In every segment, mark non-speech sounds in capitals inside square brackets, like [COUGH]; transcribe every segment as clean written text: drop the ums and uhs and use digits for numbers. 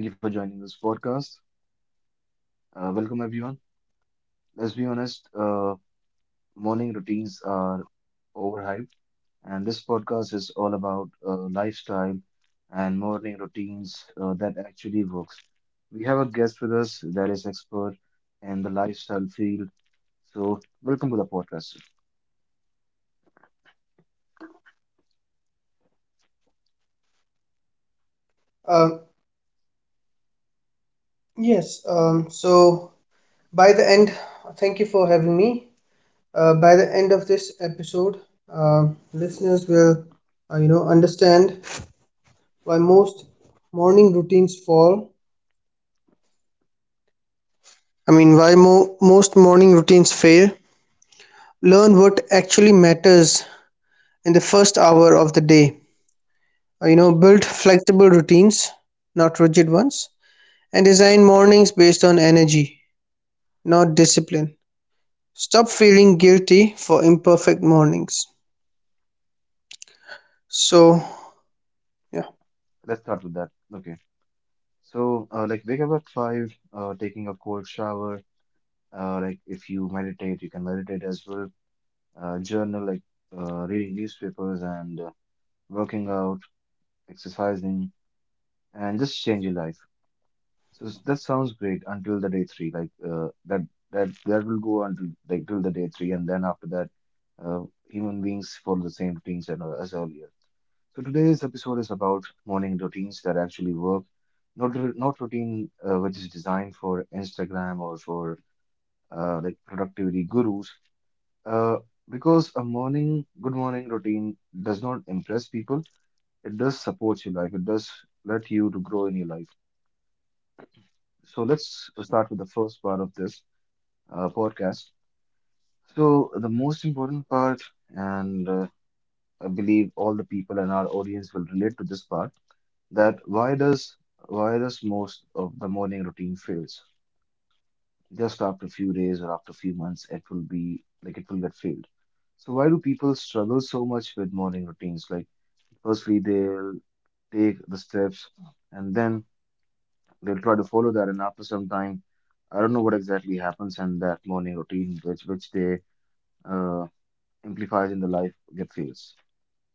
Thank you for joining this podcast. Welcome, everyone. Let's be honest, morning routines are overhyped, and this podcast is all about lifestyle and morning routines that actually works. We have a guest with us that is expert in the lifestyle field. So, welcome to the podcast. Uh, yes, um, so by the end, Thank you for having me. By the end of this episode, uh, listeners will understand why most morning routines why most morning routines fail. Learn what actually matters in the first hour of the day. Build flexible routines, not rigid ones, and design mornings based on energy, not discipline. Stop feeling guilty for imperfect mornings. So yeah, Let's start with that. Okay. So, wake up at five, taking a cold shower. If working out, exercising, and just change your life. So that sounds great until the day three. That will go until like till the day three, and then after that, uh, human beings follow the same routines as earlier. So today's episode is about morning routines that actually work, not routine which is designed for Instagram or for productivity gurus. Uh, because a morning good morning routine does not impress people. It does support your life. It does let you to grow in your life. So let's start with the first part of this podcast. So the most important part, and I believe all the people in our audience will relate to this part, that why does most of the morning routine fails? Just after a few days or after a few months, it will be like it will get failed. So why do people struggle so much with morning routines? Like firstly, they'll take the steps and then they'll try to follow that, and after some time, I don't know what exactly happens, and that morning routine, which they uh, amplifies in the life, get fails.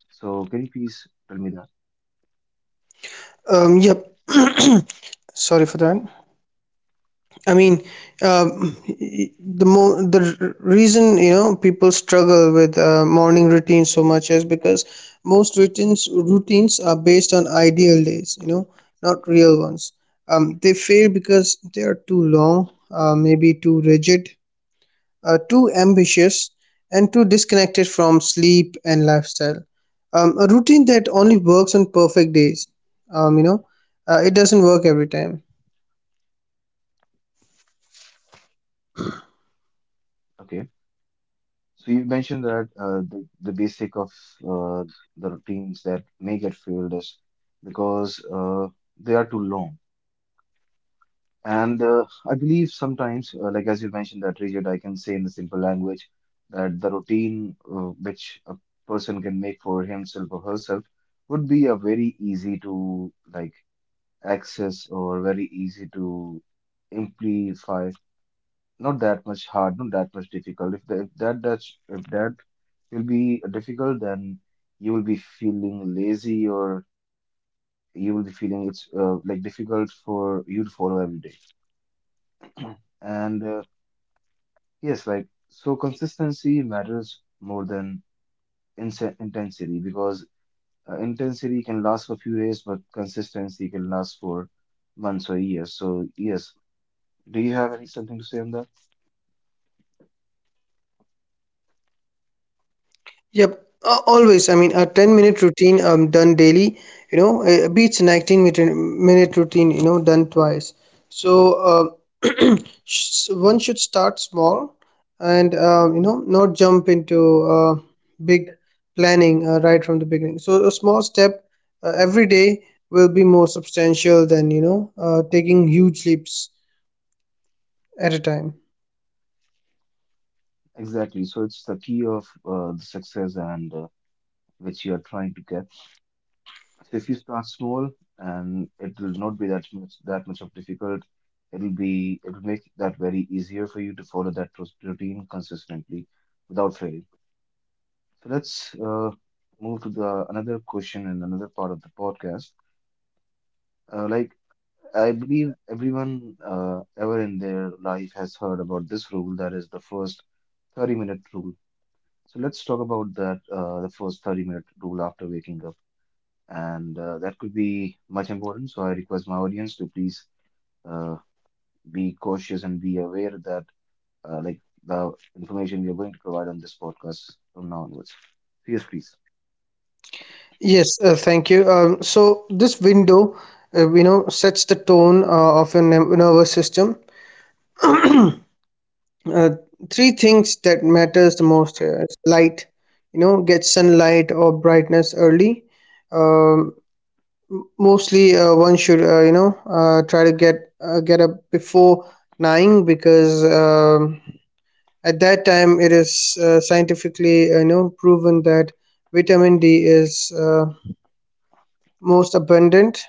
So can you please tell me that? um, yep. [COUGHS] [CLEARS THROAT] Sorry for that. I mean, the reason people struggle with morning routines so much is because most routines are based on ideal days, you know, not real ones. They fail because they are too long, maybe too rigid, too ambitious and too disconnected from sleep and lifestyle. A routine that only works on perfect days. Um, you know, it doesn't work every time. Okay. So you mentioned that the basic of uh, the routines that may get failed is because they are too long. And I believe sometimes, like as you mentioned, that rigid, I can say in the simple language that the routine which a person can make for himself or herself would be a very easy to like access or very easy to amplify. Not that much hard, not that much difficult. If that will be difficult, then you will be feeling lazy or you will be feeling it's like difficult for you to follow every day. And Yes, like So consistency matters more than intensity, because intensity can last for a few days, but consistency can last for months or years. So yes, do you have any, something to say on that? Yep, Always. I mean, a 10-minute routine done daily, beats 19 minute routine, you know, done twice. So, uh, [CLEARS THROAT] One should start small and not jump into big planning right from the beginning. So, a small step every day will be more substantial than, you know, taking huge leaps at a time. Exactly. So it's the key of the success and which you are trying to get. So if you start small and it will not be that much of difficult, it'll make that very easier for you to follow that routine consistently without failing. So let's move to the another question and another part of the podcast. Like I believe everyone ever in their life has heard about this rule that is the first 30-minute rule. So let's talk about that the first 30-minute rule after waking up, and that could be much important. So I request my audience to please uh, be cautious and be aware that like the information we are going to provide on this podcast from now onwards. Yes, please. Yes, Thank you. So this window, sets the tone of your nervous system. Uh, Three things that matters the most here is light. You know, get sunlight or brightness early. Um, Mostly, one should you know try to get up before nine because at that time it is scientifically, proven that vitamin D is most abundant,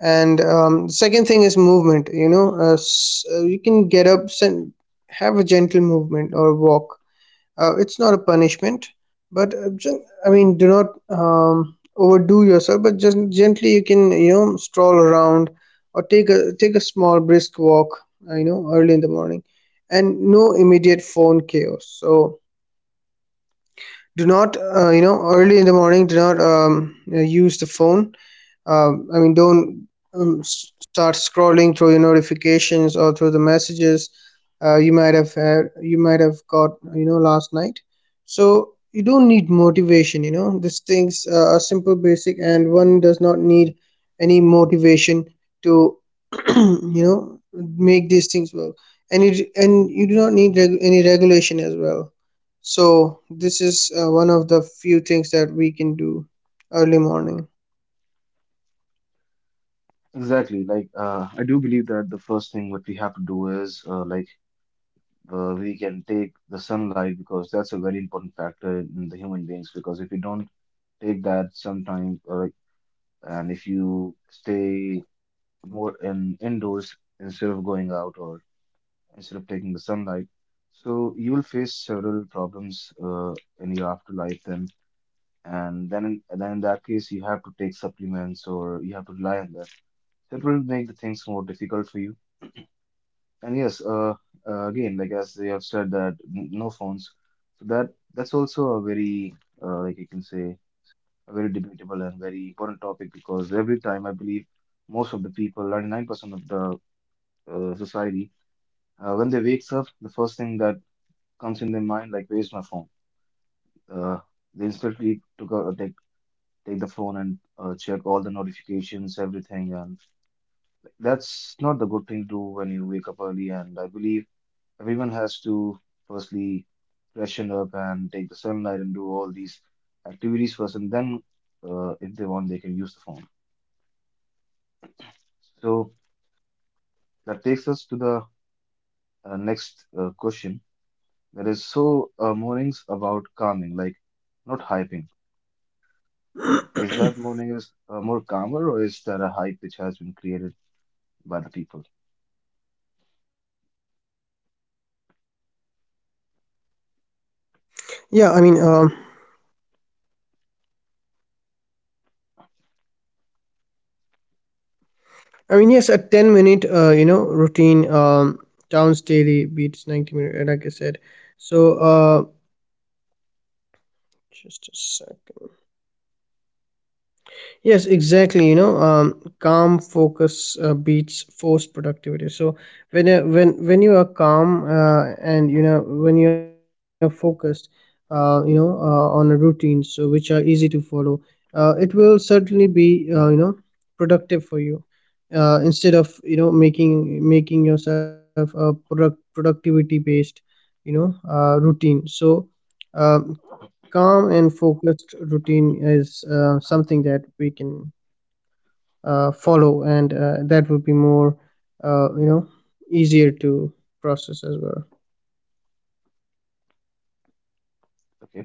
and second thing is movement. You know, you can get up and have a gentle movement or walk. It's not a punishment, but I mean, do not overdo yourself, but just gently you can, you know, stroll around or take a small brisk walk, early in the morning. And no immediate phone chaos, so do not, early in the morning, do not use the phone. I mean, don't start scrolling through your notifications or through the messages you might have got, you know, last night. So you don't need motivation. You know, these things are simple, basic, and one does not need any motivation to [CLEARS THROAT] you know, make these things work. And you do not need any regulation as well. So this is one of the few things that we can do early morning. Exactly. Like, I do believe that the first thing what we have to do is, we can take the sunlight because that's a very important factor in the human beings. Because if you don't take that sometime, or and if you stay more in indoors instead of going out or instead of taking the sunlight, so you will face several problems, in your afterlife then. And then in that case, you have to take supplements or you have to rely on that. So it will make the things more difficult for you. And yes, again, like as you have said that n no phones, so that's also a very you can say a very debatable and very important topic, because every time I believe most of the people, 99% of the society, when they wakes up, the first thing that comes in their mind like where's my phone? Uh, they instantly took a take take the phone and check all the notifications, everything, and that's not the good thing to do when you wake up early. And I believe everyone has to firstly freshen up and take the sunlight and do all these activities first, and then if they want, they can use the phone. So that takes us to the next question. That is, so mornings about calming, like not hyping. [CLEARS THROAT] Is that morning is more calmer, or is that a hype which has been created by the people? Yeah, I mean, um, yes, a 10 minute, routine counts daily, beats 90 minute, like I said. So uh, just a second. Yes, exactly. You know, calm focus beats forced productivity. So when when you are calm and when you are focused, on a routine, so which are easy to follow, it will certainly be productive for you. Instead of, you know, making yourself a productivity based, routine. So calm and focused routine is something that we can follow, and that would be more uh, you know easier to process as well. Okay.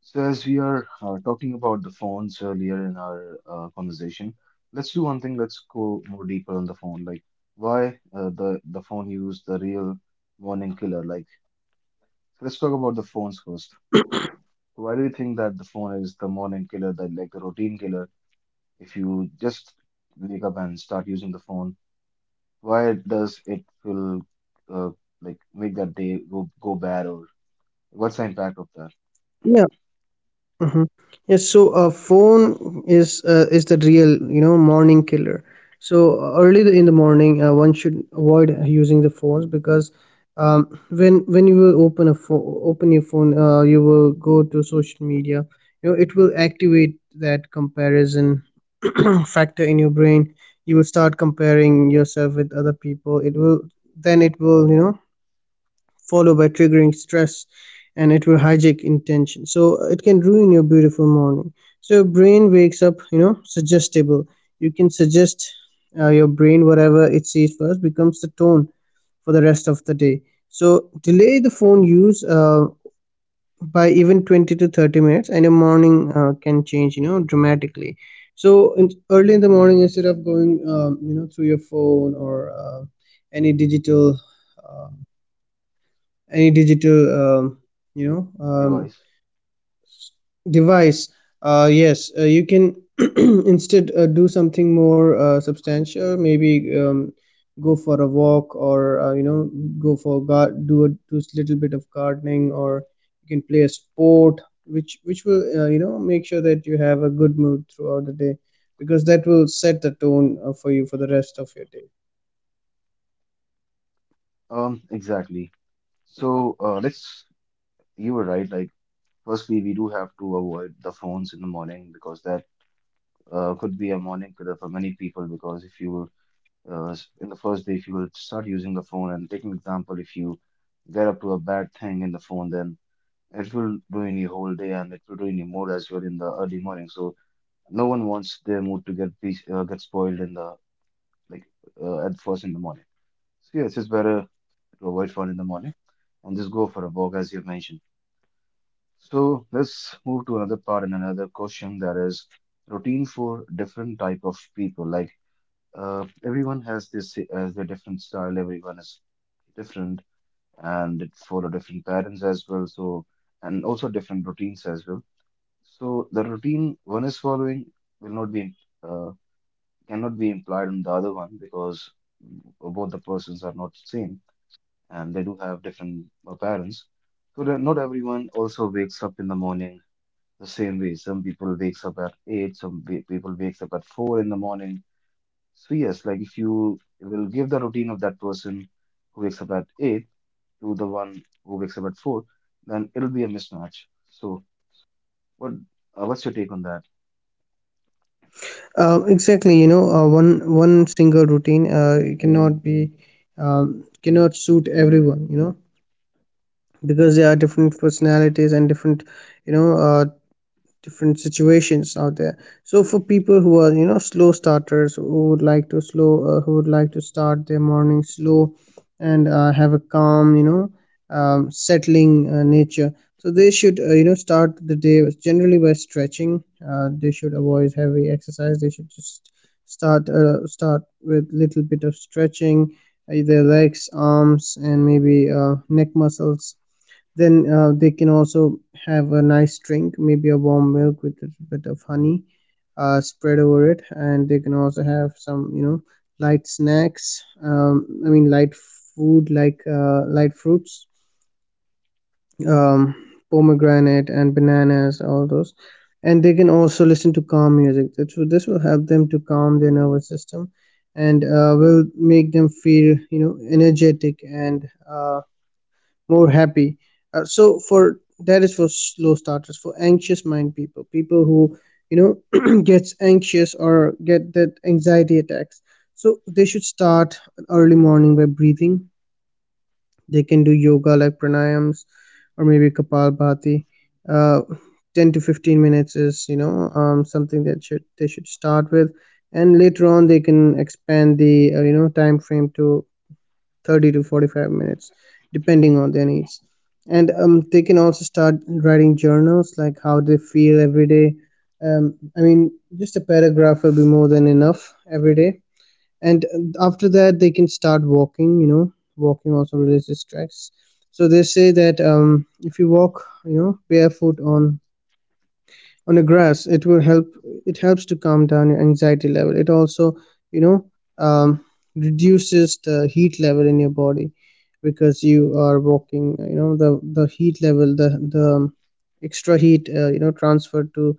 So, as we are talking about the phones earlier in our conversation, let's do one thing. Let's go more deeper on the phone. Like, why the phone use the real morning killer? Like, let's talk about the phones first. So, why do you think that the phone is the morning killer, that like the routine killer? If you just wake up and start using the phone, why does it will uh, make that day go bad, or what's the impact of Yeah. that Mm-hmm. Yes, so a phone is the real, you know, morning killer. So early in the morning, one should avoid using the phones because when you will open your phone, you will go to social media. You know, it will activate that comparison [CLEARS THROAT] factor in your brain. You will start comparing yourself with other people. It will, you know, followed by triggering stress, and it will hijack intention. So it can ruin your beautiful morning. So your brain wakes up, you know, suggestible. You can suggest your brain whatever it sees first becomes the tone for the rest of the day. So delay the phone use by even 20 to 30 minutes, and your morning can change, you know, dramatically. So early in the morning, instead of going through your phone or any digital uh, any digital you know um, device? device, yes, you can [CLEARS THROAT] instead do something more substantial, maybe go for a walk, or, you know, do a little bit of gardening, or you can play a sport which will, make sure that you have a good mood throughout the day, because that will set the tone for you for the rest of your day. Exactly. So let's you were right. Like, firstly, we do have to avoid the phones in the morning because that could be a morning killer for many people. Because if you in the first day, if you will start using the phone, and take an example, if you get up to a bad thing in the phone, then it will ruin your whole day and it will ruin your mood as well in the early morning. So no one wants their mood to get spoiled in the like at first in the morning. So yeah, it's just better to avoid phone in the morning and just go for a walk, as you mentioned. So let's move to another part and another question that is routine for different type of people. Like, everyone has this has their different style. Everyone is different and it follow different patterns as well. So and also different routines as well. So the routine one is following will not be uh, cannot be implied on the other one because both the persons are not same and they do have different patterns. So that not everyone also wakes up in the morning the same way, some people wakes up at eight, people wakes up at four in the morning. So yes, like if you will give the routine of that person who wakes up at eight to the one who wakes up at four, then it'll be a mismatch. So what what's your take on that? Exactly, you know, one single routine it cannot be cannot suit everyone, you know, because there are different personalities and different, you know, uh, different situations out there. So for people who are, you know, slow starters, who would like to slow who would like to start their morning slow and have a calm, you know, settling nature, so they should, you know, start the day generally by stretching. They should avoid heavy exercise. They should just start with little bit of stretching their legs, arms, and maybe neck muscles. Then they can also have a nice drink, maybe a warm milk with a little bit of honey spread over it. And they can also have some, you know, light snacks, I mean, light food like light fruits, um, pomegranate and bananas, all those. And they can also listen to calm music. That's what this will help them to calm their nervous system, and will make them feel, you know, energetic and more happy. So for that is for slow starters. For anxious mind people, people who, you know, [CLEARS THROAT] gets anxious or get that anxiety attacks, so they should start early morning by breathing. They can do yoga like pranayams or maybe kapalbhati. Uh, 10 to 15 minutes is, you know, something that should they should start with, and later on they can expand the, time frame to 30 to 45 minutes depending on their needs. And they can also start writing journals, like how they feel every day. I mean, just a paragraph will be more than enough every day. And after that, they can start walking. You know, walking also releases stress. So they say that if you walk, you know, barefoot on the grass, it will help. It helps to calm down your anxiety level. It also, you know, um, reduces the heat level in your body, because you are walking. You know, the heat level the extra heat, transferred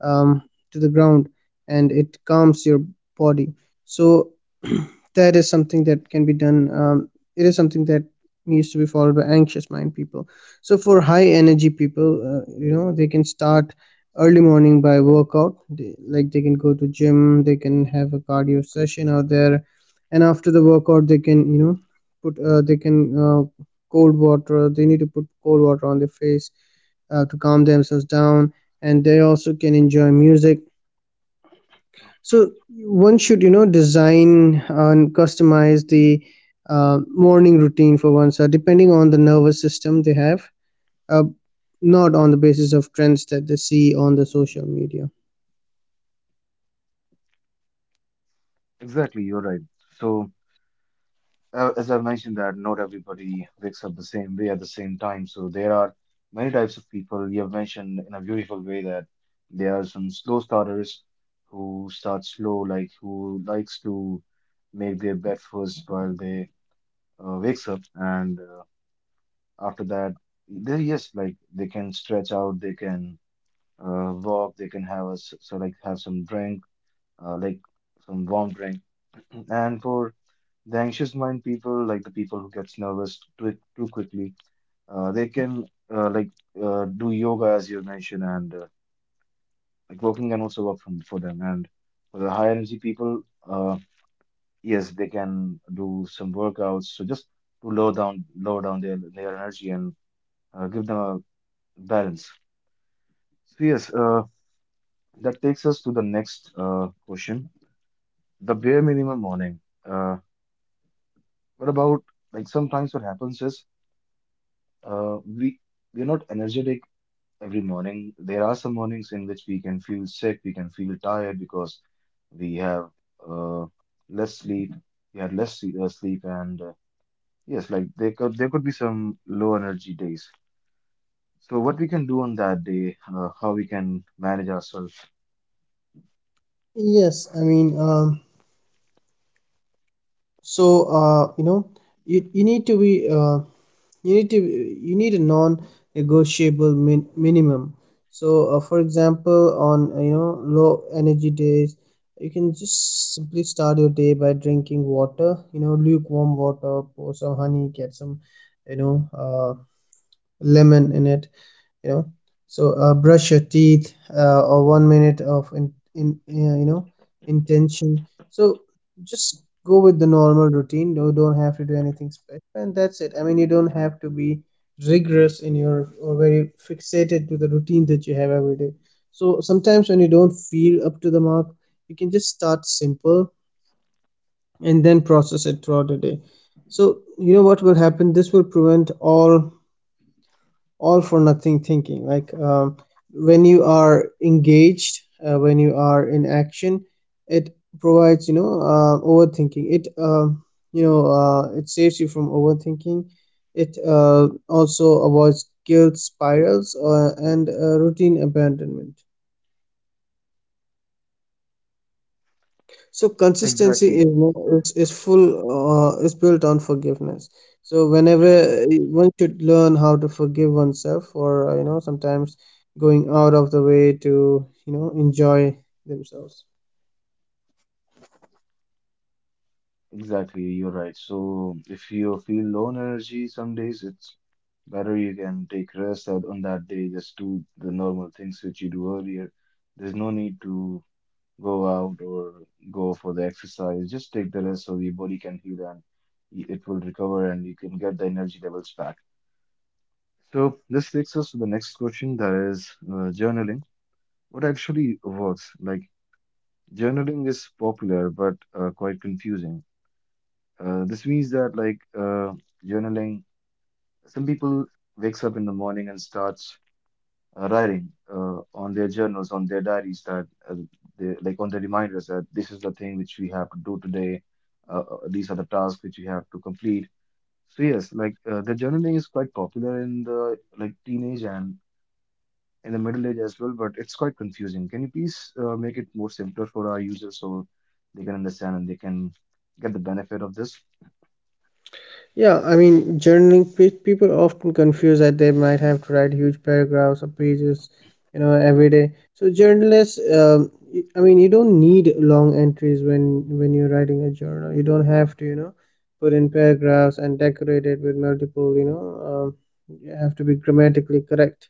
to the ground, and it calms your body. So [CLEARS THROAT] that is something that can be done. It is something that needs to be followed by anxious mind people. So for high energy people, they can start early morning by workout. Like, they can go to gym, they can have a cardio session out there. And after the workout, they can, you know, put they can uh, cold water, they need to put cold water on their face to calm themselves down. And they also can enjoy music. So one should, you know, design and customize the morning routine for oneself depending on the nervous system they have, uh, not on the basis of trends that they see on the social media. Exactly, you're right. So as I mentioned that not everybody wakes up the same way at the same time. So there are many types of people. You have mentioned in a beautiful way that there are some slow starters who start slow, like who likes to make their breakfast while they wakes up, and after that, they yes, like they can stretch out, they can walk, they can have a s so like have some drink, like some warm drink, and for the anxious mind people, like the people who gets nervous too quickly, they can uh, like do yoga as you mentioned, and walking can also work for them. And for the high energy people, yes, they can do some workouts. So just to lower down their energy and give them a balance. So yes, that takes us to the next question: the bare minimum morning. What about like sometimes what happens is we we're not energetic every morning. There are some mornings in which we can feel sick, we can feel tired because we have uh, less sleep, we had less sleep, and yes, like there could be some low energy days. So what we can do on that day, how we can manage ourselves. yes i mean um, so uh, you know you, you need to be you need to you need a non-negotiable minimum. So for example, on, low energy days, you can just simply start your day by drinking water, you know, lukewarm water. Pour some honey, get some, you know uh, lemon in it, you know. Brush your teeth, or 1 minute of in you know intention. So just go with the normal routine. You don't have to do anything special, and that's it. I mean, you don't have to be rigorous in your, or very fixated to the routine that you have every day. So sometimes when you don't feel up to the mark, you can just start simple, and then process it throughout the day. So, you know what will happen, this will prevent all for nothing thinking. Like, when you are engaged, when you are in action, it provides, overthinking it, it saves You from overthinking. It also avoids guilt spirals and routine abandonment. So consistency Exactly, is, is full is built on forgiveness. So whenever one should learn how to forgive oneself for sometimes going out of the way to enjoy themselves. exactly, you're right. So if you feel low on energy some days, it's better you can take rest on that day, just do the normal things which you do earlier. There's no need to go out or go for the exercise. Just take the rest so your body can heal and it will recover and you can get the energy levels back. So this takes us to the next question, that is journaling. What actually works? Like journaling is popular but quite confusing. This means that like journaling, some people wakes up in the morning and starts writing on their journals, on their diaries that they like on the reminders that this is the thing which we have to do today. These are the tasks which we have to complete. So yes, like the journaling is quite popular in the like teenage and in the middle age as well, but it's quite confusing. Can you please make it more simpler for our users so they can understand and they can get the benefit of this? Yeah, I mean, people often confuse that they might have to write huge paragraphs or pages, you know, every day. So journalists, I mean, you don't need long entries when you're writing a journal. You don't have to, you know, put in paragraphs and decorate it with multiple, you know, um, you have to be grammatically correct.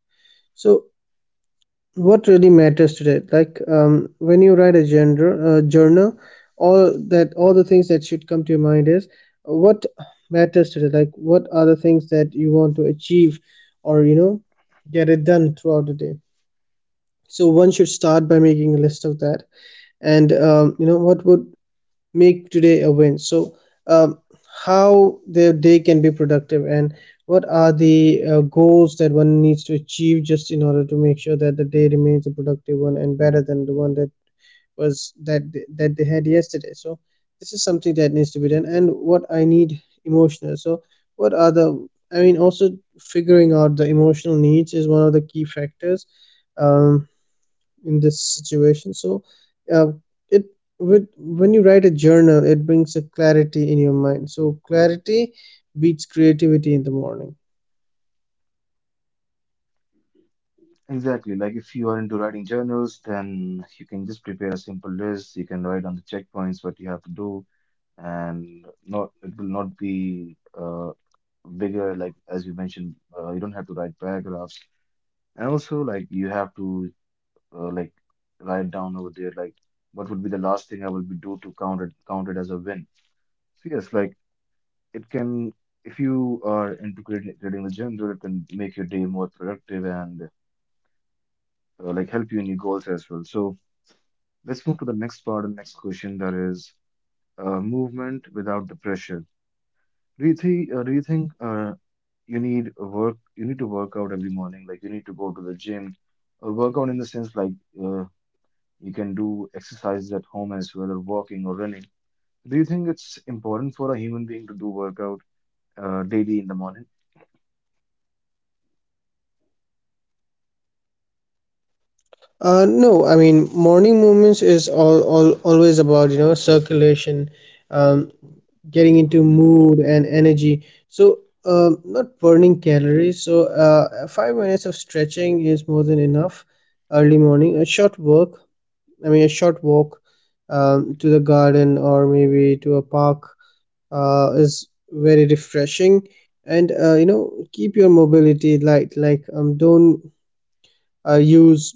So what really matters today, like when you write a gender journal, all the things that should come to your mind is what matters today. Like, what are the things that you want to achieve or you know get it done throughout the day? So one should start by making a list of that, and you know what would make today a win. So um, how their day can be productive, and what are the goals that one needs to achieve just in order to make sure that the day remains a productive one and better than the one that they had yesterday. So this is something that needs to be done. And what I need emotional, so what are the, I mean, also figuring out the emotional needs is one of the key factors um, in this situation. So uh, it with when you write a journal, it brings a clarity in your mind. So clarity beats creativity in the morning. Exactly. Like if you are into writing journals, then you can just prepare a simple list. You can write on the checkpoints what you have to do and not it will not be bigger like as you mentioned, you don't have to write paragraphs, and also like you have to uh, like write down over there like what would be the last thing I will be do to count it as a win. So yes, like it can, if you are into creating the journal, it can make your day more productive and like help you in your goals as well. So let's move to the next part and next question, that is movement without the pressure. Do you think you need a work you need to work out every morning, like you need to go to the gym or work out in the sense like, uh, you can do exercises at home as well, or walking or running? Do you think it's important for a human being to do workout daily in the morning? No, I mean, morning movements is all always about you know circulation, um, getting into mood and energy. So not burning calories. So 5 minutes of stretching is more than enough. Early morning a short walk, I mean, a short walk to the garden or maybe to a park is very refreshing. And you know, keep your mobility light. Like, don't use,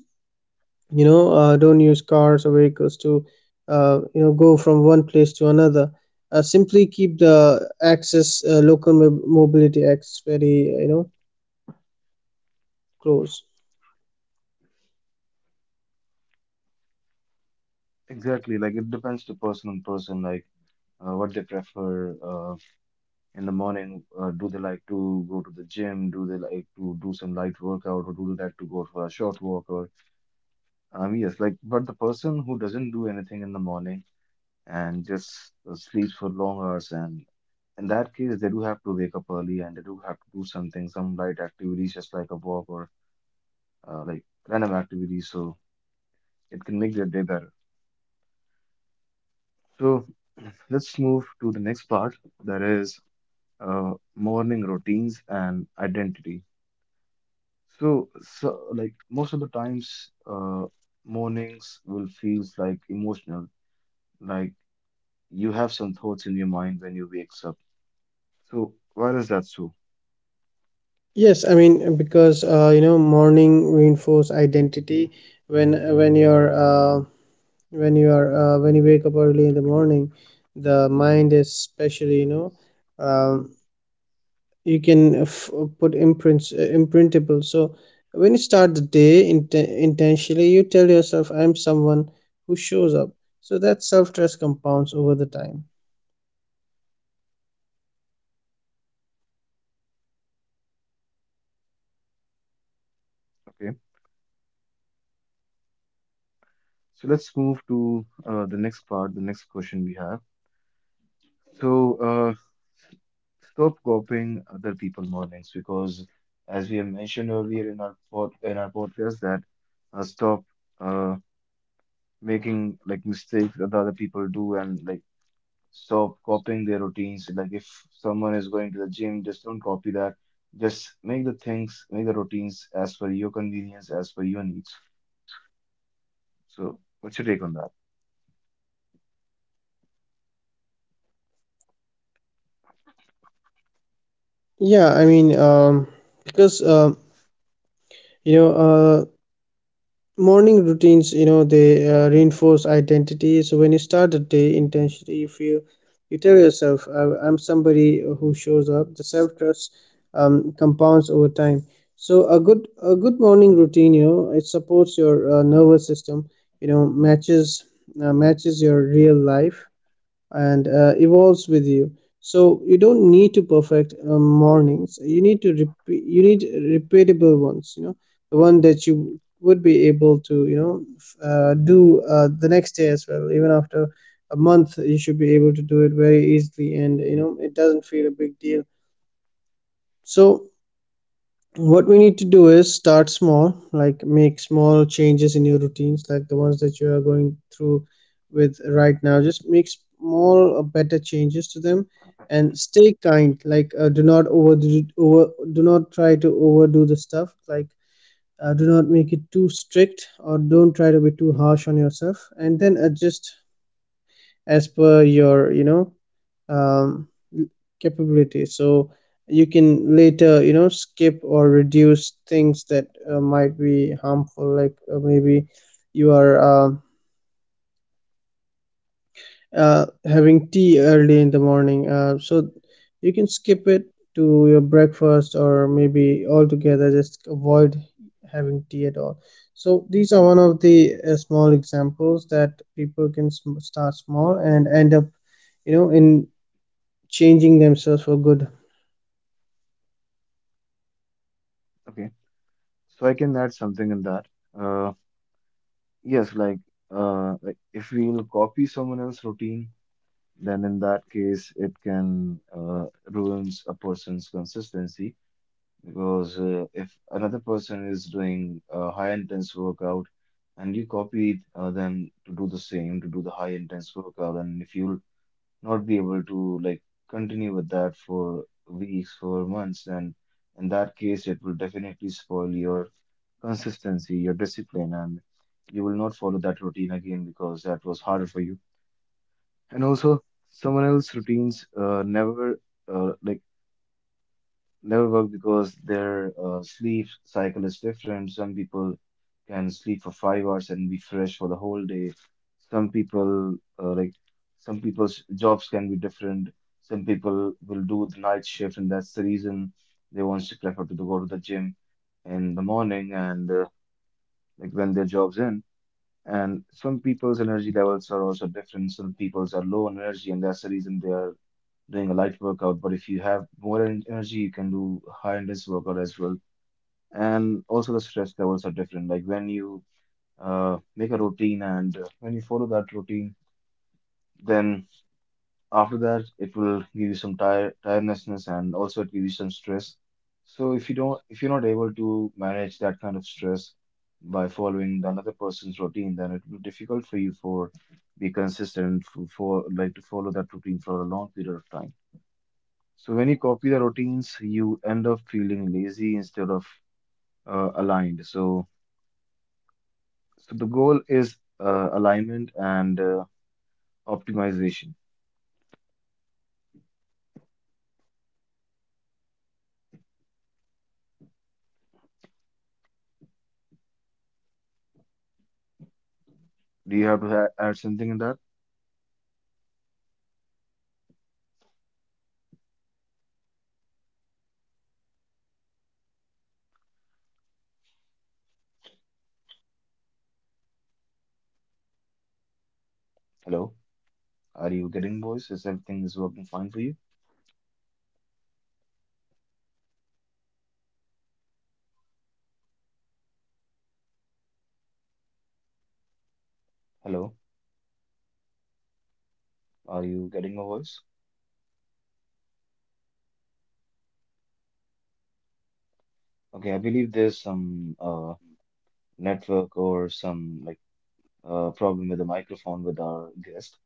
you know, don't use cars or vehicles to you know go from one place to another. Simply keep the access, local mobility access, very you know close. Exactly, like it depends to person on person, like what they prefer in the morning. Do they like to go to the gym, do they like to do some light workout, or do they like to go for a short walk, or yes, like, but the person who doesn't do anything in the morning and just sleeps for long hours. And in that case, they do have to wake up early and they do have to do something, some light activities, just like a walk or like random activities. So it can make their day better. So let's move to the next part, that is morning routines and identity. So, so like most of the times, mornings will feels like emotional, like you have some thoughts in your mind when you wakes up. So why is that so? Yes, I mean because you know morning reinforce identity, when when your uh, when you are when you wake up early in the morning, the mind is especially, you know, um, you can put imprints, imprintable. So when you start the day intentionally, you tell yourself I'm someone who shows up, so that self-trust compounds over the time. Okay. So let's move to the next part, the next question we have. So stop copying other people' mornings because, as we have mentioned earlier in our podcast, that stop uh, making like mistakes that other people do, and like stop copying their routines. Like if someone is going to the gym, just don't copy that. Just make the things, make the routines as per your convenience, as per your needs. So what's your take on that? Yeah, I mean, because you know morning routines, you know they reinforce identity. So when you start the day intentionally, you feel, you tell yourself, I'm somebody who shows up, the self-trust compounds over time." So a good morning routine, you know, it supports your nervous system, you know matches matches your real life and evolves with you. So you don't need to perfect mornings, you need to repeat, you need repeatable ones, you know, the one that you would be able to you know do the next day as well. Even after a month you should be able to do it very easily and you know it doesn't feel a big deal. So what we need to do is start small, like make small changes in your routines, like the ones that you are going through with right now, just make small better changes to them. And stay kind, like do not overdo over do not try to overdo the stuff. Like, do not make it too strict, or don't try to be too harsh on yourself and then adjust as per your you know um, capability. So you can later you know skip or reduce things that might be harmful, like maybe you are having tea early in the morning, so you can skip it to your breakfast or maybe altogether just avoid having tea at all. So these are one of the small examples that people can start small and end up you know in changing themselves for good. Okay, so I can add something in that. Uh, Yes, like if we'll copy someone else's routine, then in that case it can ruins a person's consistency, because if another person is doing a high intense workout and you copied them to do the same, to do the high intense workout, and if you'll not be able to like continue with that for weeks, for months, then in that case it will definitely spoil your consistency, your discipline, and you will not follow that routine again because that was harder for you. And also, someone else's routines never uh, like never work because their sleep cycle is different. Some people can sleep for 5 hours and be fresh for the whole day. Some people some people's jobs can be different. Some people will do the night shift, and that's the reason they want to prefer to go to the gym in the morning and like when their jobs end. And some people's energy levels are also different. Some people's are low on energy, and that's the reason they are doing a light workout. But if you have more energy, you can do high intensity workout as well. And also the stress levels are different. Like when you make a routine and when you follow that routine, then after that it will give you some tirednessness and also it gives you some stress. So if you don't, if you're not able to manage that kind of stress by following the another person's routine, then it will be difficult for you for be consistent for to follow that routine for a long period of time. So when you copy the routines, you end up feeling lazy instead of aligned. So so the goal is alignment and optimization. Do you have to add something in that? Hello. Are you getting voice? Is everything is working fine for you? Hello, are you getting my voice? Okay, I believe there's some network or some like problem with the microphone with our guest.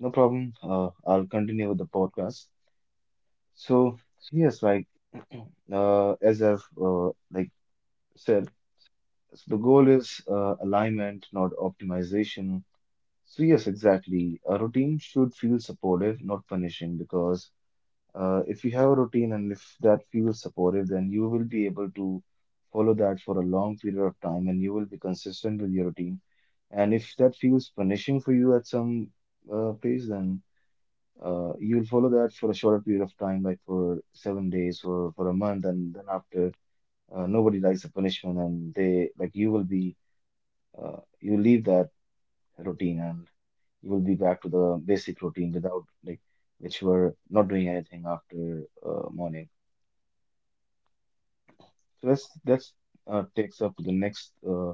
No problem. I'll continue with the podcast. So yes, like [CLEARS THROAT] as I've said, so the goal is alignment, not optimization. So yes, exactly. A routine should feel supportive, not punishing, because if you have a routine and if that feels supportive, then you will be able to follow that for a long period of time and you will be consistent with your routine. And if that feels punishing for you at some place, then you will follow that for a shorter period of time, like for 7 days or for a month. And then after, nobody likes the punishment, and they like you will be, you leave that routine and you will be back to the basic routine without like, which were not doing anything after morning. So let's that's takes up the next uh,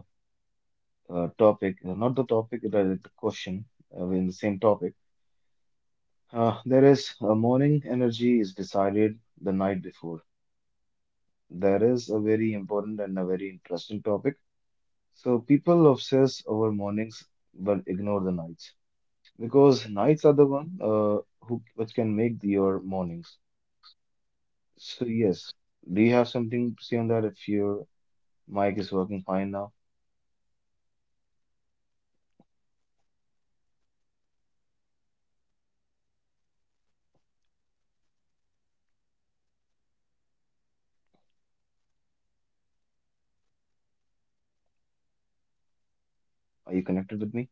uh, topic, not the topic, the question in the same topic. There is morning energy is decided the night before. There is a very important and a very interesting topic. So people obsess over mornings but ignore the nights, because nights are the one who which can make your mornings. So yes, do you have something to say on that? If your mic is working fine now, are you connected with me?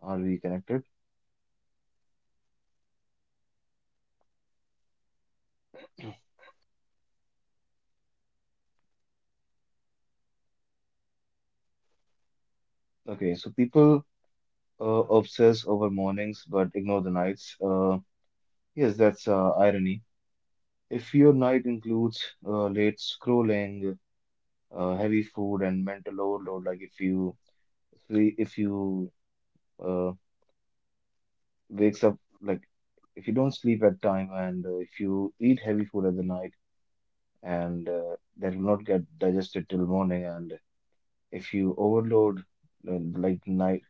Are we connected? Okay, so people obsess over mornings but ignore the nights. Yes, that's irony. If your night includes late scrolling, heavy food, and mental overload, like if you sle- if you uh, wakes up like if you don't sleep at time and if you eat heavy food at the night and that will not get digested till morning, and if you overload like night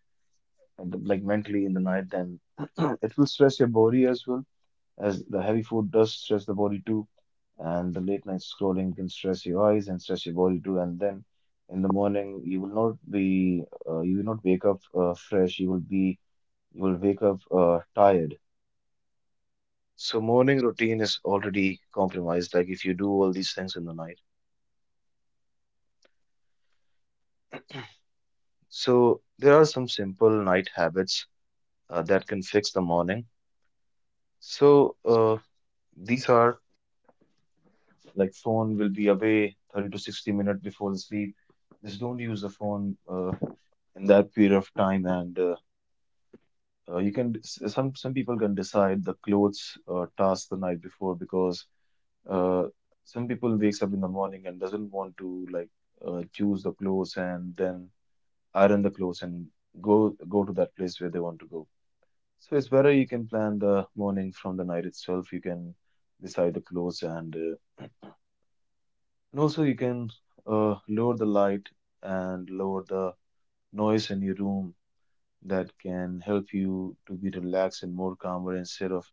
like mentally in the night, then [CLEARS THROAT] it will stress your body as well as the heavy food does stress the body too, and the late night scrolling can stress your eyes and stress your body too. And then in the morning, you will not be, you will not wake up fresh. You will be, you will wake up tired. So morning routine is already compromised, like if you do all these things in the night. So there are some simple night habits that can fix the morning. So these are like phone will be away 30 to 60 minutes before the sleep. Just don't use the phone in that period of time, and you can some people can decide the clothes task the night before, because uh, some people wakes up in the morning and doesn't want to like choose the clothes and then iron the clothes and go to that place where they want to go. So it's better you can plan the morning from the night itself. You can decide the clothes and also you can lower the light and lower the noise in your room. That can help you to be relaxed and more calmer, instead of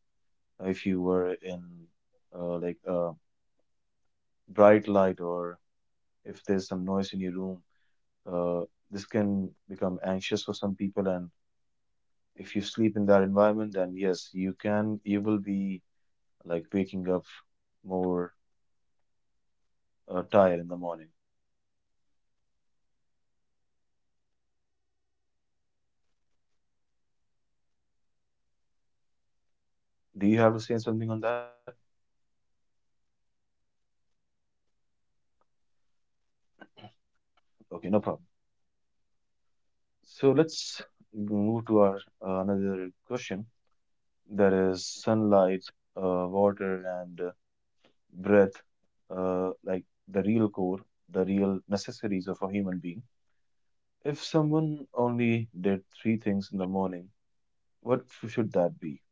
if you were in like a bright light, or if there's some noise in your room. Uh, this can become anxious for some people, and if you sleep in that environment, then yes, you can, you will be like waking up more tired in the morning. Do you have to say something on that? Okay, no problem. So let's move to our another question. That is sunlight, water, and breath, like the real core, the real necessities of a human being. If someone only did three things in the morning, what should that be?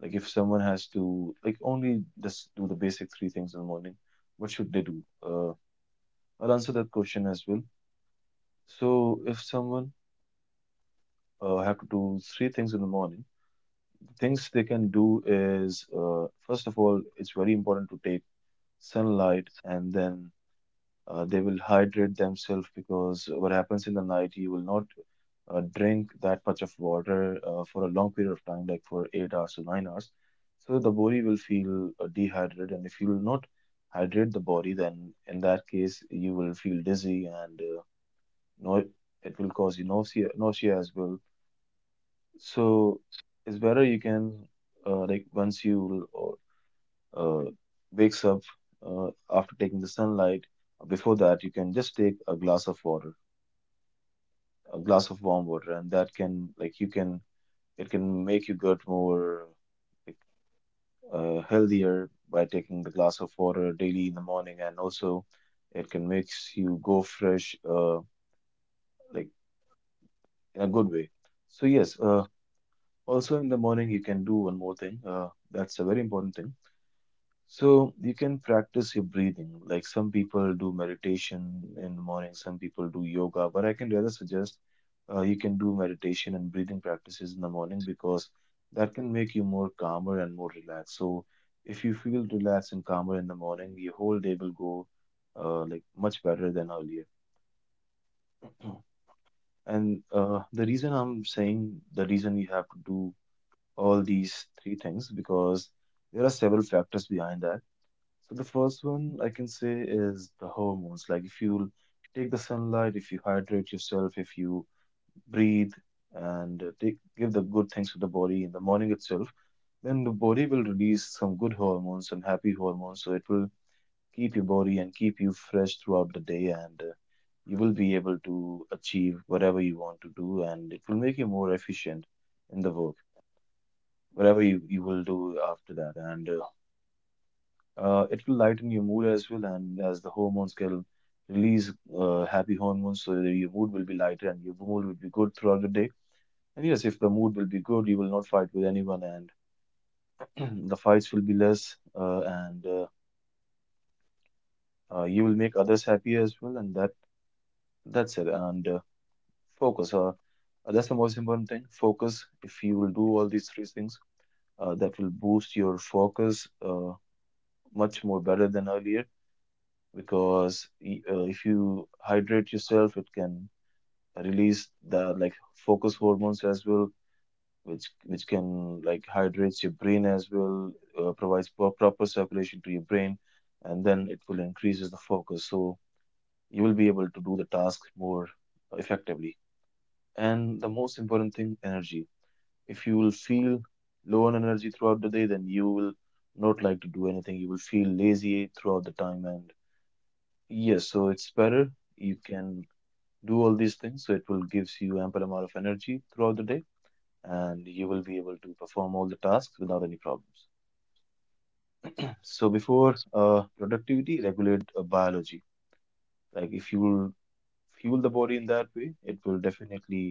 Like if someone has to, like, only just do the basic three things in the morning, what should they do? I'll answer that question as well. So if someone have to do three things in the morning, the things they can do is, first of all, it's very important to take sunlight, and then they will hydrate themselves, because what happens in the night, you will not drink that much of water for a long period of time, like for 8 hours to 9 hours. So the body will feel dehydrated, and if you will not hydrate the body, then in that case, you will feel dizzy and no, it will cause you nausea, nausea as well. So it's better you can, like, once you will uh, wakes up, after taking the sunlight, before that you can just take a glass of water, a glass of warm water, and that can, like, you can, it can make your gut more, like, healthier by taking the glass of water daily in the morning. And also it can makes you go fresh, like, in a good way. So yes, also in the morning you can do one more thing, that's a very important thing. So you can practice your breathing. Like, some people do meditation in the morning, some people do yoga, but I can rather suggest you can do meditation and breathing practices in the morning, because that can make you more calmer and more relaxed. So if you feel relaxed and calmer in the morning, your whole day will go like much better than earlier. [CLEARS THROAT] And the reason I'm saying, the reason you have to do all these three things, because there are several factors behind that. So the first one I can say is the hormones. Like, if you take the sunlight, if you hydrate yourself, if you breathe and take, give the good things to the body in the morning itself, then the body will release some good hormones, some happy hormones. So it will keep your body and keep you fresh throughout the day, and you will be able to achieve whatever you want to do, and it will make you more efficient in the work, whatever you will do after that. And it will lighten your mood as well, and as the hormones can release happy hormones, so that your mood will be lighter and your mood will be good throughout the day. And yes, if the mood will be good, you will not fight with anyone, and [CLEARS THROAT] the fights will be less, and you will make others happy as well. And that's it. And Focus. That's the most important thing. Focus. If you will do all these three things, that will boost your focus much more better than earlier, because if you hydrate yourself, it can release the, like, focus hormones as well, which can, like, hydrates your brain as well, provides proper circulation to your brain, and then it will increases the focus. So you will be able to do the task more effectively. And the most important thing, energy. If you will feel low on energy throughout the day, then you will not like to do anything. You will feel lazy throughout the time. And yes, so it's better. You can do all these things, so it will gives you ample amount of energy throughout the day, and you will be able to perform all the tasks without any problems. So before productivity, regulate biology. Like, if you fuel the body in that way, it will definitely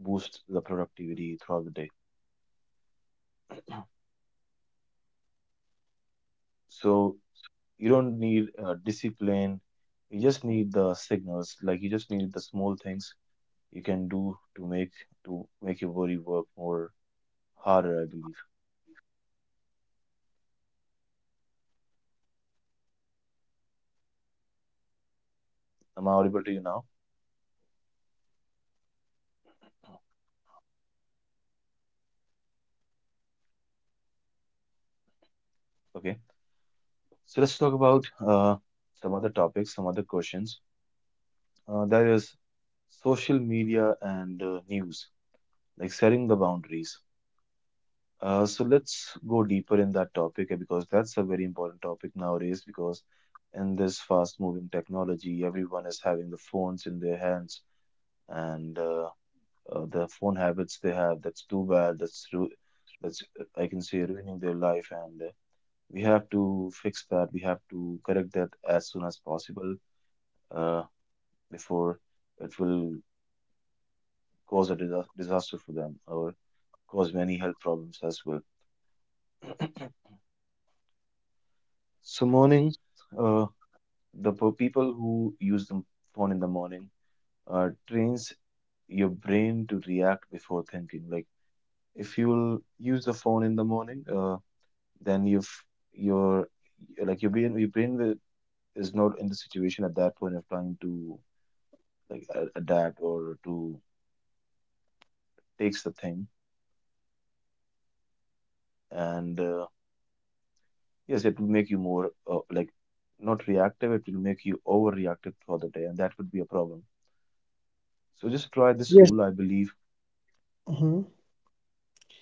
boost the productivity throughout the day. So you don't need discipline, you just need the signals, like you just need the small things you can do to make your body work more harder, I believe. Am I audible to you now? Okay. So let's talk about some other topics, some other questions. That is social media and news, like setting the boundaries. So let's go deeper in that topic, because that's a very important topic nowadays. Because in this fast-moving technology, everyone is having the phones in their hands, and the phone habits they have. That's too bad. That's ru- that's I can say, ruining their life, and we have to fix that. We have to correct that as soon as possible. Uh, Before it will cause a disaster for them, or cause many health problems as well. So morning, uh, people who use the phone in the morning trains your brain to react before thinking. Like, if you'll use the phone in the morning, then you've your, like, your brain will, is not in the situation at that point of time to, like, adapt or to takes the thing. And Yes, it will make you more, like, not reactive, it will make you overreactive for the day, and that could be a problem. So just try this rule, I believe. Mhm.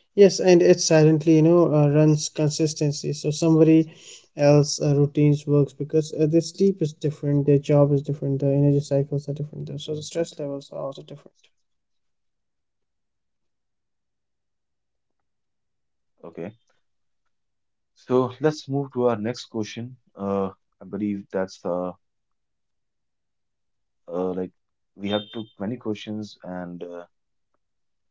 Yes, and it silently, you know, runs consistency. So somebody else routines works because their sleep is different, their job is different, their energy cycles are different, so the stress levels are also different. Okay. So let's move to our next question. I believe that's like we have took many questions, and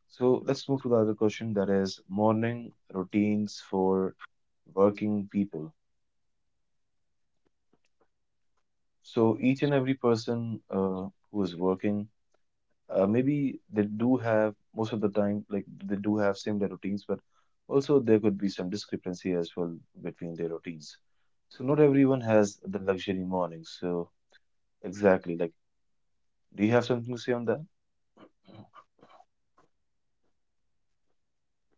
so let's move to the other question, that is morning routines for working people. So each and every person who is working, maybe they do have, most of the time, like, they do have similar routines, but also there could be some discrepancy as well between their routines. So not everyone has the luxury morning. So exactly, like, do you have something to say on that?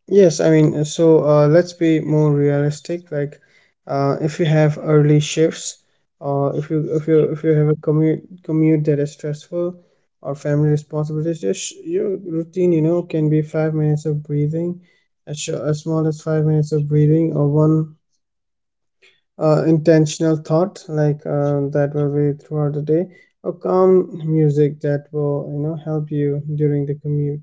Yes, I mean, so let's be more realistic. Like, if you have early shifts, or if you have a commute that is stressful, or family responsibilities, just your routine, you know, can be 5 minutes of breathing, as as small as 5 minutes of breathing, or one intentional thought, like that will be throughout the day, or calm music that will you know help you during the commute.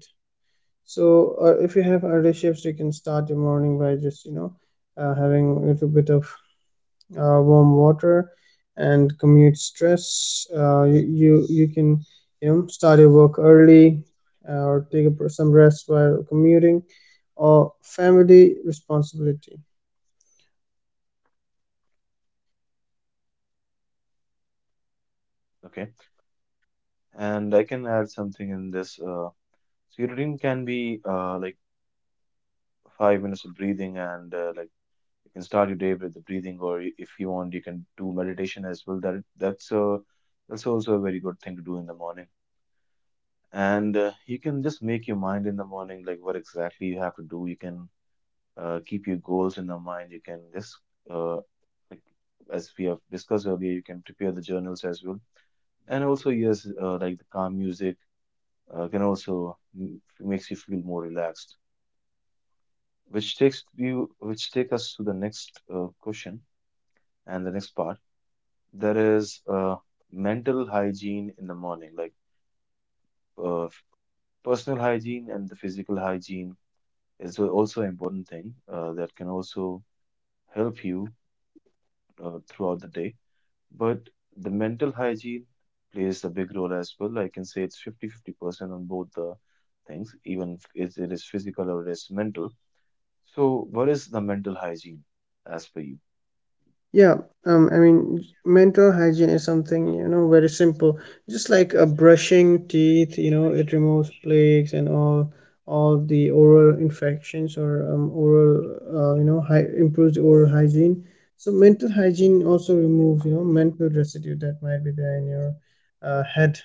So, if you have early shifts, you can start your morning by just, you know, having a little bit of warm water. And commute stress, uh, you can, you know, start your work early or take a, some rest while commuting, or family responsibility. Okay. And I can add something in this. So your routine can be, like, 5 minutes of breathing, and, like, you can start your day with the breathing, or if you want, you can do meditation as well. That's also a very good thing to do in the morning. And you can just make your mind in the morning, like what exactly you have to do. You can keep your goals in the mind. You can just, uh, like as we have discussed earlier, you can prepare the journals as well. And also, yes, like, the calm music can also makes you feel more relaxed, which takes you, which take us to the next question and the next part. There is mental hygiene in the morning, like, uh, personal hygiene and the physical hygiene is also an important thing that can also help you throughout the day. But the mental hygiene plays a big role as well. I can say it's 50-50% on both the things, even if it is physical or it is mental. So what is the mental hygiene as per you? Yeah, I mean, mental hygiene is something, you know, very simple. Just like brushing teeth, you know, it removes plagues and all the oral infections, or oral, you know, hy improves the oral hygiene. So mental hygiene also removes, you know, mental residue that might be there in your head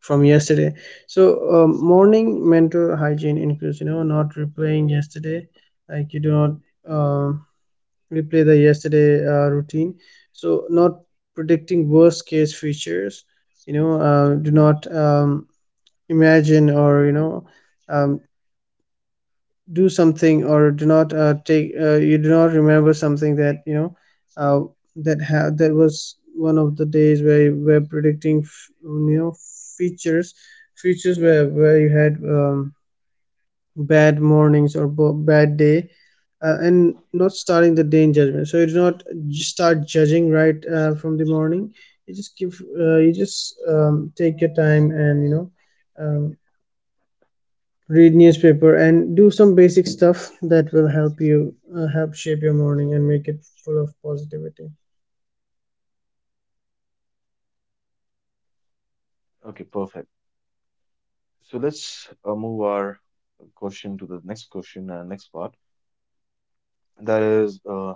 from yesterday. So morning mental hygiene includes, you know, not replaying yesterday, like you do not um replay the yesterday routine. So not predicting worst case features, you know, do not imagine or you know um, do something, or do not take you do not remember something that you know uh, that was one of the days where you were predicting you know features features where you had bad mornings or bad day and not starting the day in judgment. So you do not start judging right from the morning. You just give you just take your time and you know um, read newspaper and do some basic stuff that will help you help shape your morning and make it full of positivity. Okay, perfect. So let's move our question to the next question and next part. That is,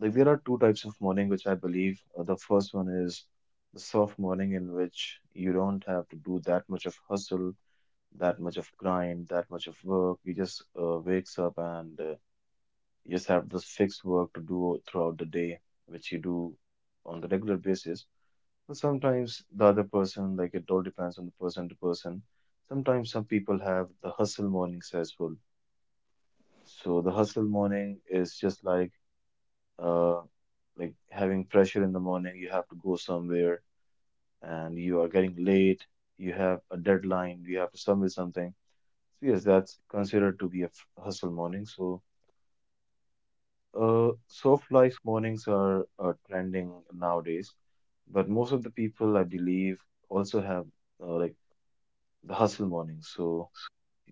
like, there are two types of morning which I believe. The first one is the soft morning, in which you don't have to do that much of hustle, that much of grind, that much of work. You just wakes up and you just have this fixed work to do throughout the day, which you do on the regular basis. But sometimes the other person, like, it all depends on the person to person. Sometimes some people have the hustle mornings as well. So the hustle morning is just like, uh, like, having pressure in the morning, you have to go somewhere and you are getting late, you have a deadline, you have to submit something. So yes, that's considered to be a hustle morning. So soft life mornings are trending nowadays, but most of the people, I believe, also have like the hustle mornings. So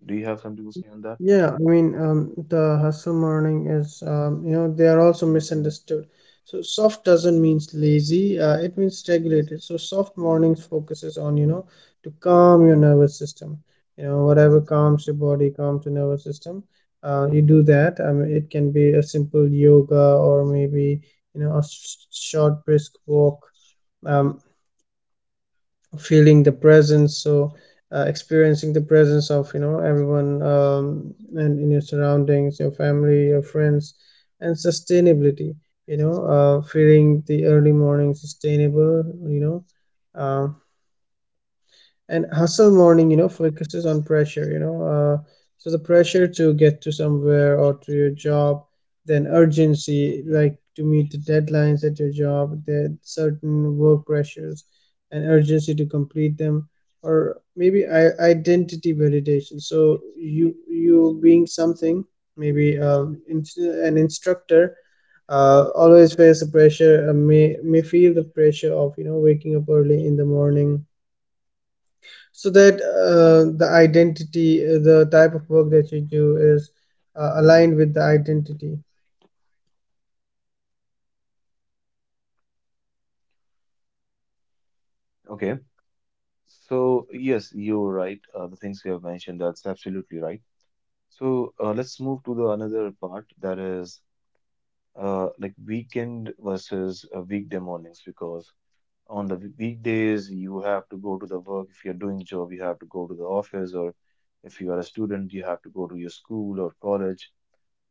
do you have something to say on that? Yeah, I mean, the hustle morning is, you know, they are also misunderstood. So soft doesn't mean lazy, it means regulated. So soft mornings focuses on, you know, to calm your nervous system. You know, whatever calms your body, calms your nervous system. You do that. I mean, it can be a simple yoga or maybe, you know, a short brisk walk. Um, feeling the presence, so experiencing the presence of you know everyone and in your surroundings, your family, your friends, and sustainability, you know feeling the early morning sustainable, you know um, and hustle morning you know focuses on pressure, you know so the pressure to get to somewhere or to your job, then urgency like to meet the deadlines at your job, there certain work pressures and urgency to complete them, or maybe identity validation. So you being something, maybe in, an instructor always face the pressure may feel the pressure of you know waking up early in the morning, so that the identity the type of work that you do is aligned with the identity. Okay. So yes, you're right. The things you have mentioned, that's absolutely right. So let's move to the another part, that is, like, weekend versus weekday mornings, because on the weekdays you have to go to the work. If you're doing job, you have to go to the office, or if you are a student, you have to go to your school or college.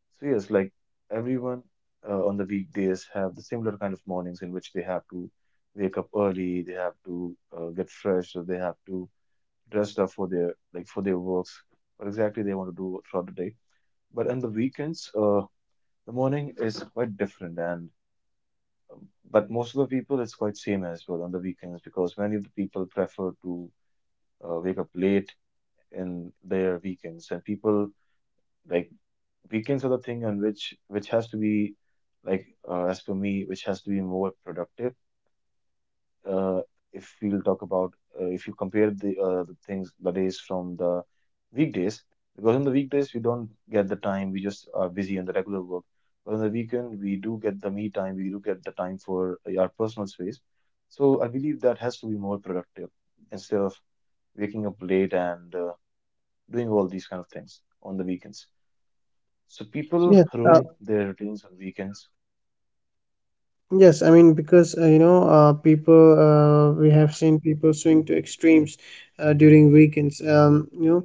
So yes, like, everyone on the weekdays have the similar kind of mornings, in which they have to wake up early, they have to get fresh, or they have to dress up for their, like, for their works, what exactly they want to do throughout the day. But on the weekends, the morning is quite different, and but most of the people it's quite same as well on the weekends because many of the people prefer to wake up late in their weekends, and people like weekends are the thing on which has to be like as for me, which has to be more productive. uh, if we'll talk about, if you compare the things the days from the weekdays, because on the weekdays we don't get the time, we just are busy in the regular work, but on the weekend we do get the me time, we do get the time for our personal space. So I believe that has to be more productive instead of waking up late and doing all these kind of things on the weekends. So people Yes, uh, ruin their routines on weekends. Yes, I mean, because you know people we have seen people swing to extremes during weekends. You know,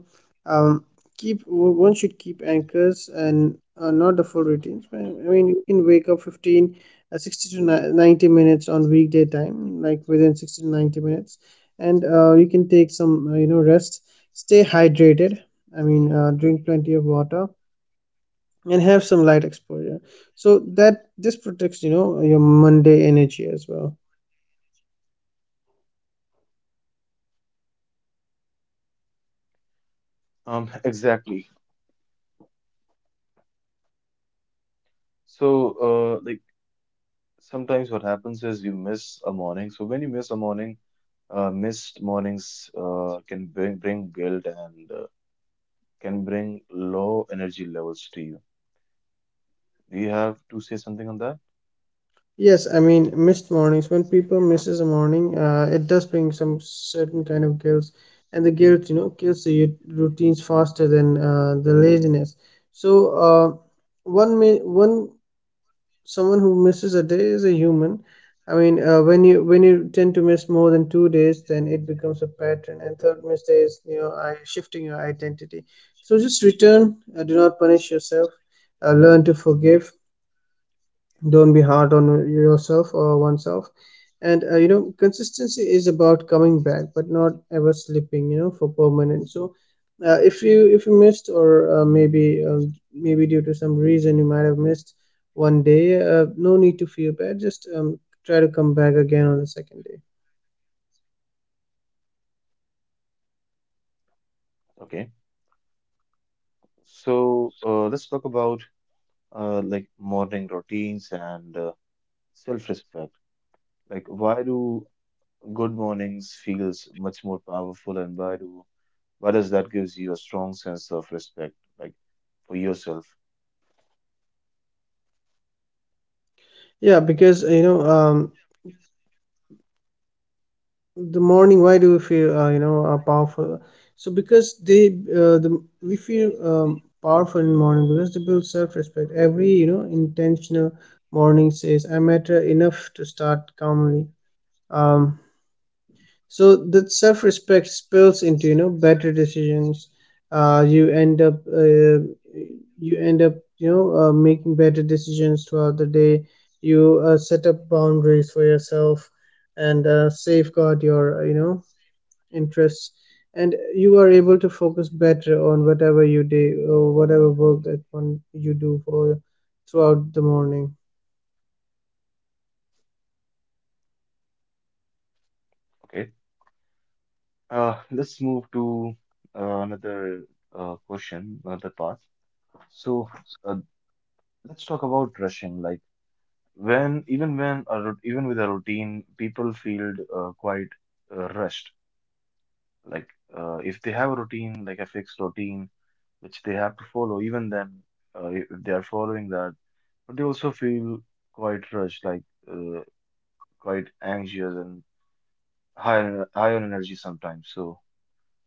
um, keep one should keep anchors and not the full routines. I mean, you can wake up 15, 60 to 90 minutes on weekday time, like within 60 to 90 minutes, and you can take some you know rest, stay hydrated. I mean, drink plenty of water and have some light exposure so that this protects you know your Monday energy as well. [LAUGHS] Exactly. So like sometimes what happens is you miss a morning. So when you miss a morning, missed mornings can bring guilt and can bring low energy levels to you. Do you have to say something on that? Yes, I mean missed mornings, when people misses a morning it does bring some certain kind of guilt, and the guilt you know kills the routines faster than the laziness. So uh, one, someone who misses a day is a human. I mean, when you tend to miss more than 2 days, then it becomes a pattern. And third mistake is you know I, shifting your identity. So just return. Do not punish yourself. Learn to forgive, don't be hard on yourself or oneself. And consistency is about coming back, but not ever slipping for permanent. So if you missed, or maybe maybe due to some reason you might have missed one day. Uh, no need to feel bad, just try to come back again on the second day. Okay. So let's talk about like morning routines and self-respect. Like why do good mornings feels much more powerful and why does that gives you a strong sense of respect, like for yourself? Yeah, because the morning, why do we feel powerful? So because they the we feel powerful in morning, because they build self-respect. Every intentional morning says I matter enough to start calmly. um, so that self-respect spills into better decisions. uh, you end up uh, you end up making better decisions throughout the day. You set up boundaries for yourself, and safeguard your interests, and you are able to focus better on whatever you do, or whatever work that one you do for throughout the morning. Okay. Let's move to another question, another part. So uh, let's talk about rushing. Like when, even when, a, rut- even with a routine, people feel quite rushed. Like if they have a routine, like a fixed routine, which they have to follow, even then, if they are following that, but they also feel quite rushed, like uh, quite anxious and high on energy sometimes. So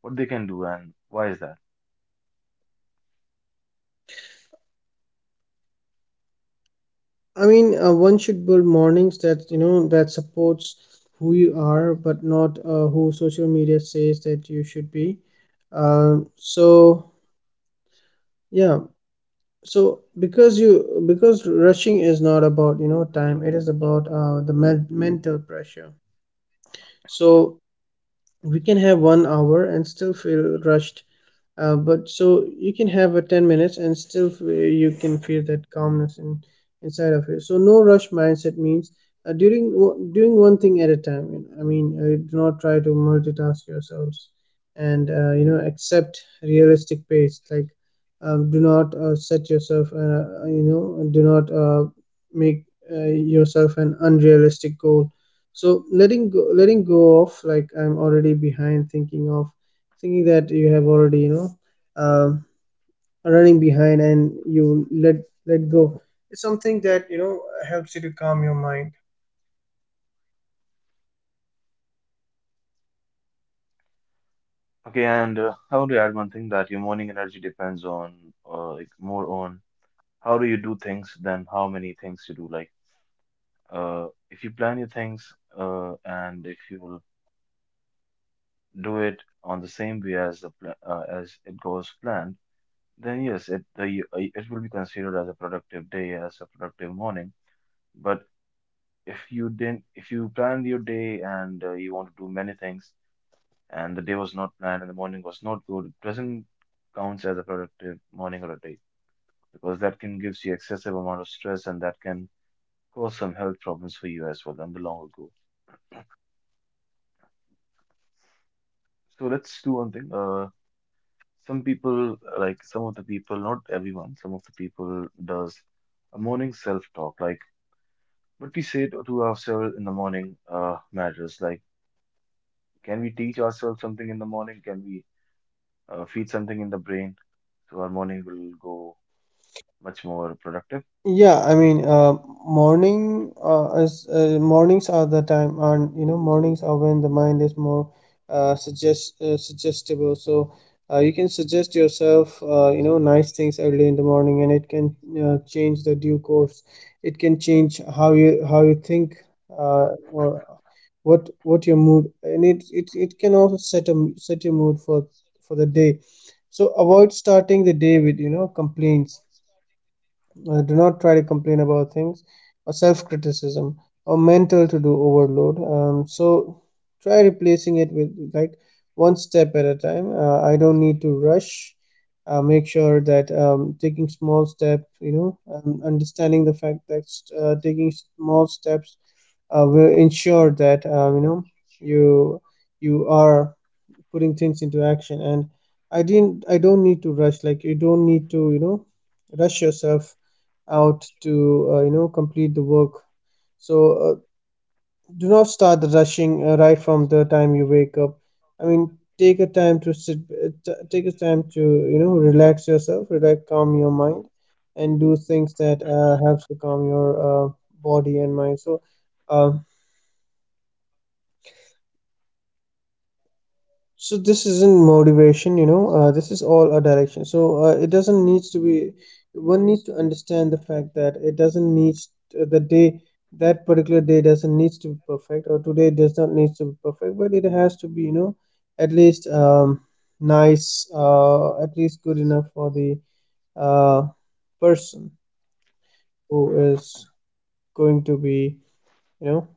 what they can do and why is that? I mean, one should build mornings that that supports who you are, but not who social media says that you should be. um, so yeah so because you because rushing is not about time, it is about mental pressure. So we can have one hour and still feel rushed, but so you can have a 10 minutes and still you can feel that calmness inside of you. So no rush mindset means doing one thing at a time, I mean, do not try to multitask yourselves, and accept realistic pace. Like, do not set yourself do not make uh, yourself an unrealistic goal. So letting go of like I'm already behind, thinking that you have already um, running behind, and you let go. It's something that helps you to calm your mind. Okay, and I want to add one thing, that your morning energy depends on like more on how do you do things than how many things you do. Like if you plan your things and if you do it on the same way as the pla as it goes planned, then yes, it will be considered as a productive day, as a productive morning. But if you didn't, if you planned your day and you want to do many things, and the day was not planned and the morning was not good, it doesn't counts as a productive morning or a day, because that can gives you excessive amount of stress and that can cause some health problems for you as well in the long ago. So let's do one thing. Some people, like some of the people, not everyone, some of the people does a morning self-talk. Like what we say to ourselves in the morning matters. Like can we teach ourselves something in the morning? Can we feed something in the brain so our morning will go much more productive? Yeah, I mean, mornings are the time, and mornings are when the mind is more suggestible. So you can suggest yourself nice things early in the morning, and it can change the due course. It can change how you think or what your mood, and it can also set your mood for the day. So avoid starting the day with complaints. Uh, do not try to complain about things, or self criticism, or mental to do overload. So try replacing it with like one step at a time. I don't need to rush. Make sure that taking small step, understanding the fact that taking small steps will ensure that you you are putting things into action. And I don't need to rush. Like, you don't need to, you know, rush yourself out to complete the work. So do not start the rushing right from the time you wake up. I mean, take a time to sit, take a time to relax yourself, relax calm your mind, and do things that helps to calm your body and mind. Um, so this isn't motivation, this is all a direction. So it doesn't needs to be... One needs to understand the fact that it doesn't needs, the day, that particular day doesn't needs to be perfect, or today does not needs to be perfect, but it has to be at least nice, at least good enough for the uh, person who is going to be you know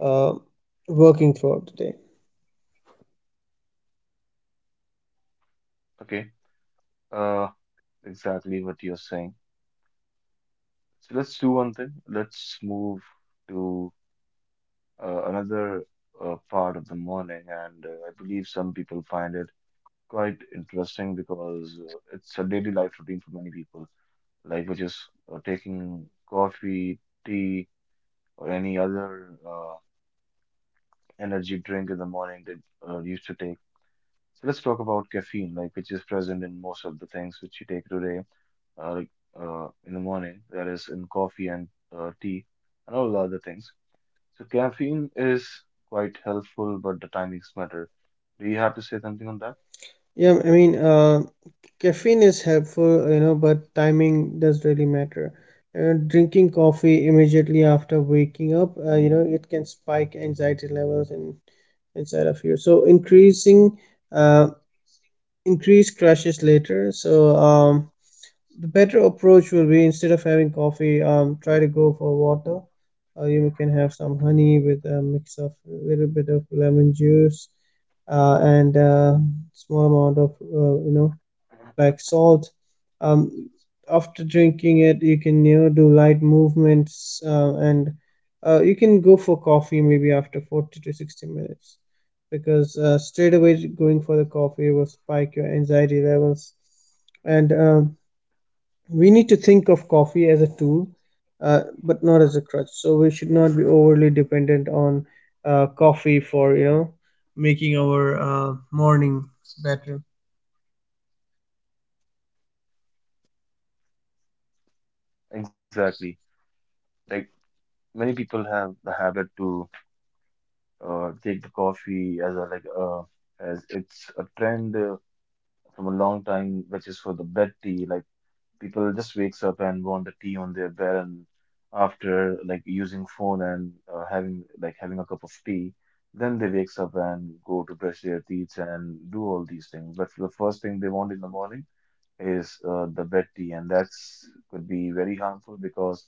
uh, working throughout the day. Okay. Uh, exactly what you're saying. So let's do one thing. Let's move to another part of the morning, and I believe some people find it quite interesting because it's a daily life routine for many people, like which is taking coffee, tea, or any other energy drink in the morning that used to take. So let's talk about caffeine, like which is present in most of the things which you take today, like in the morning, that is in coffee and tea and all the other things. So caffeine is quite helpful, but the timings matter. Do you have to say something on that? Yeah, I mean, caffeine is helpful, but timing does really matter. Drinking coffee immediately after waking up, it can spike anxiety levels in inside of you. So uh, increase crashes later. So the better approach will be, instead of having coffee, try to go for water. You can have some honey with a mix of a little bit of lemon juice, and small amount of like salt. Um, After drinking it, you can do light movements, and you can go for coffee maybe after 40 to 60 minutes, because straight away going for the coffee will spike your anxiety levels. And we need to think of coffee as a tool, but not as a crutch. So we should not be overly dependent on coffee for making our morning better. Exactly. Like many people have the habit to take the coffee as a like as it's a trend from a long time, which is for the bed tea. Like people just wakes up and want the tea on their bed, and after like using phone and having a cup of tea, then they wakes up and go to brush their teeth and do all these things. But for the first thing they want in the morning is the wet tea, and that's could be very harmful because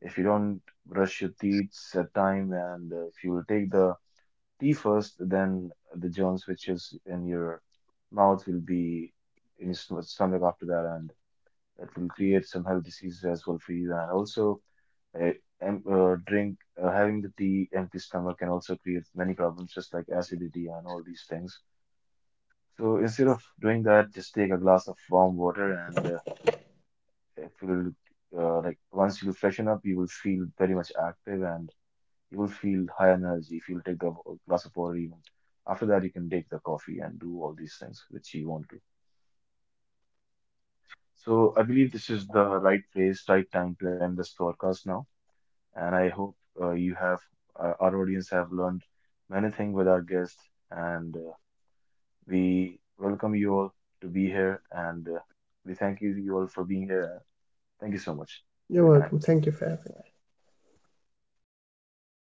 if you don't brush your teeth at time and if you take the tea first, then the germs which is in your mouth will be in your stomach after that, and it will create some health diseases as well for you. And also, uh, em- drink having the tea empty stomach can also create many problems, just like acidity and all these things. So instead of doing that, just take a glass of warm water and it will like once you freshen up, you will feel very much active and you will feel high energy if you'll take the glass of water even. After that, you can take the coffee and do all these things which you want to. So I believe this is the right place, right time to end this podcast now. And I hope you have our audience have learned many things with our guest, and we welcome you all to be here, and we thank you all for being here. Thank you so much for You're your time. welcome. Thank you for having me.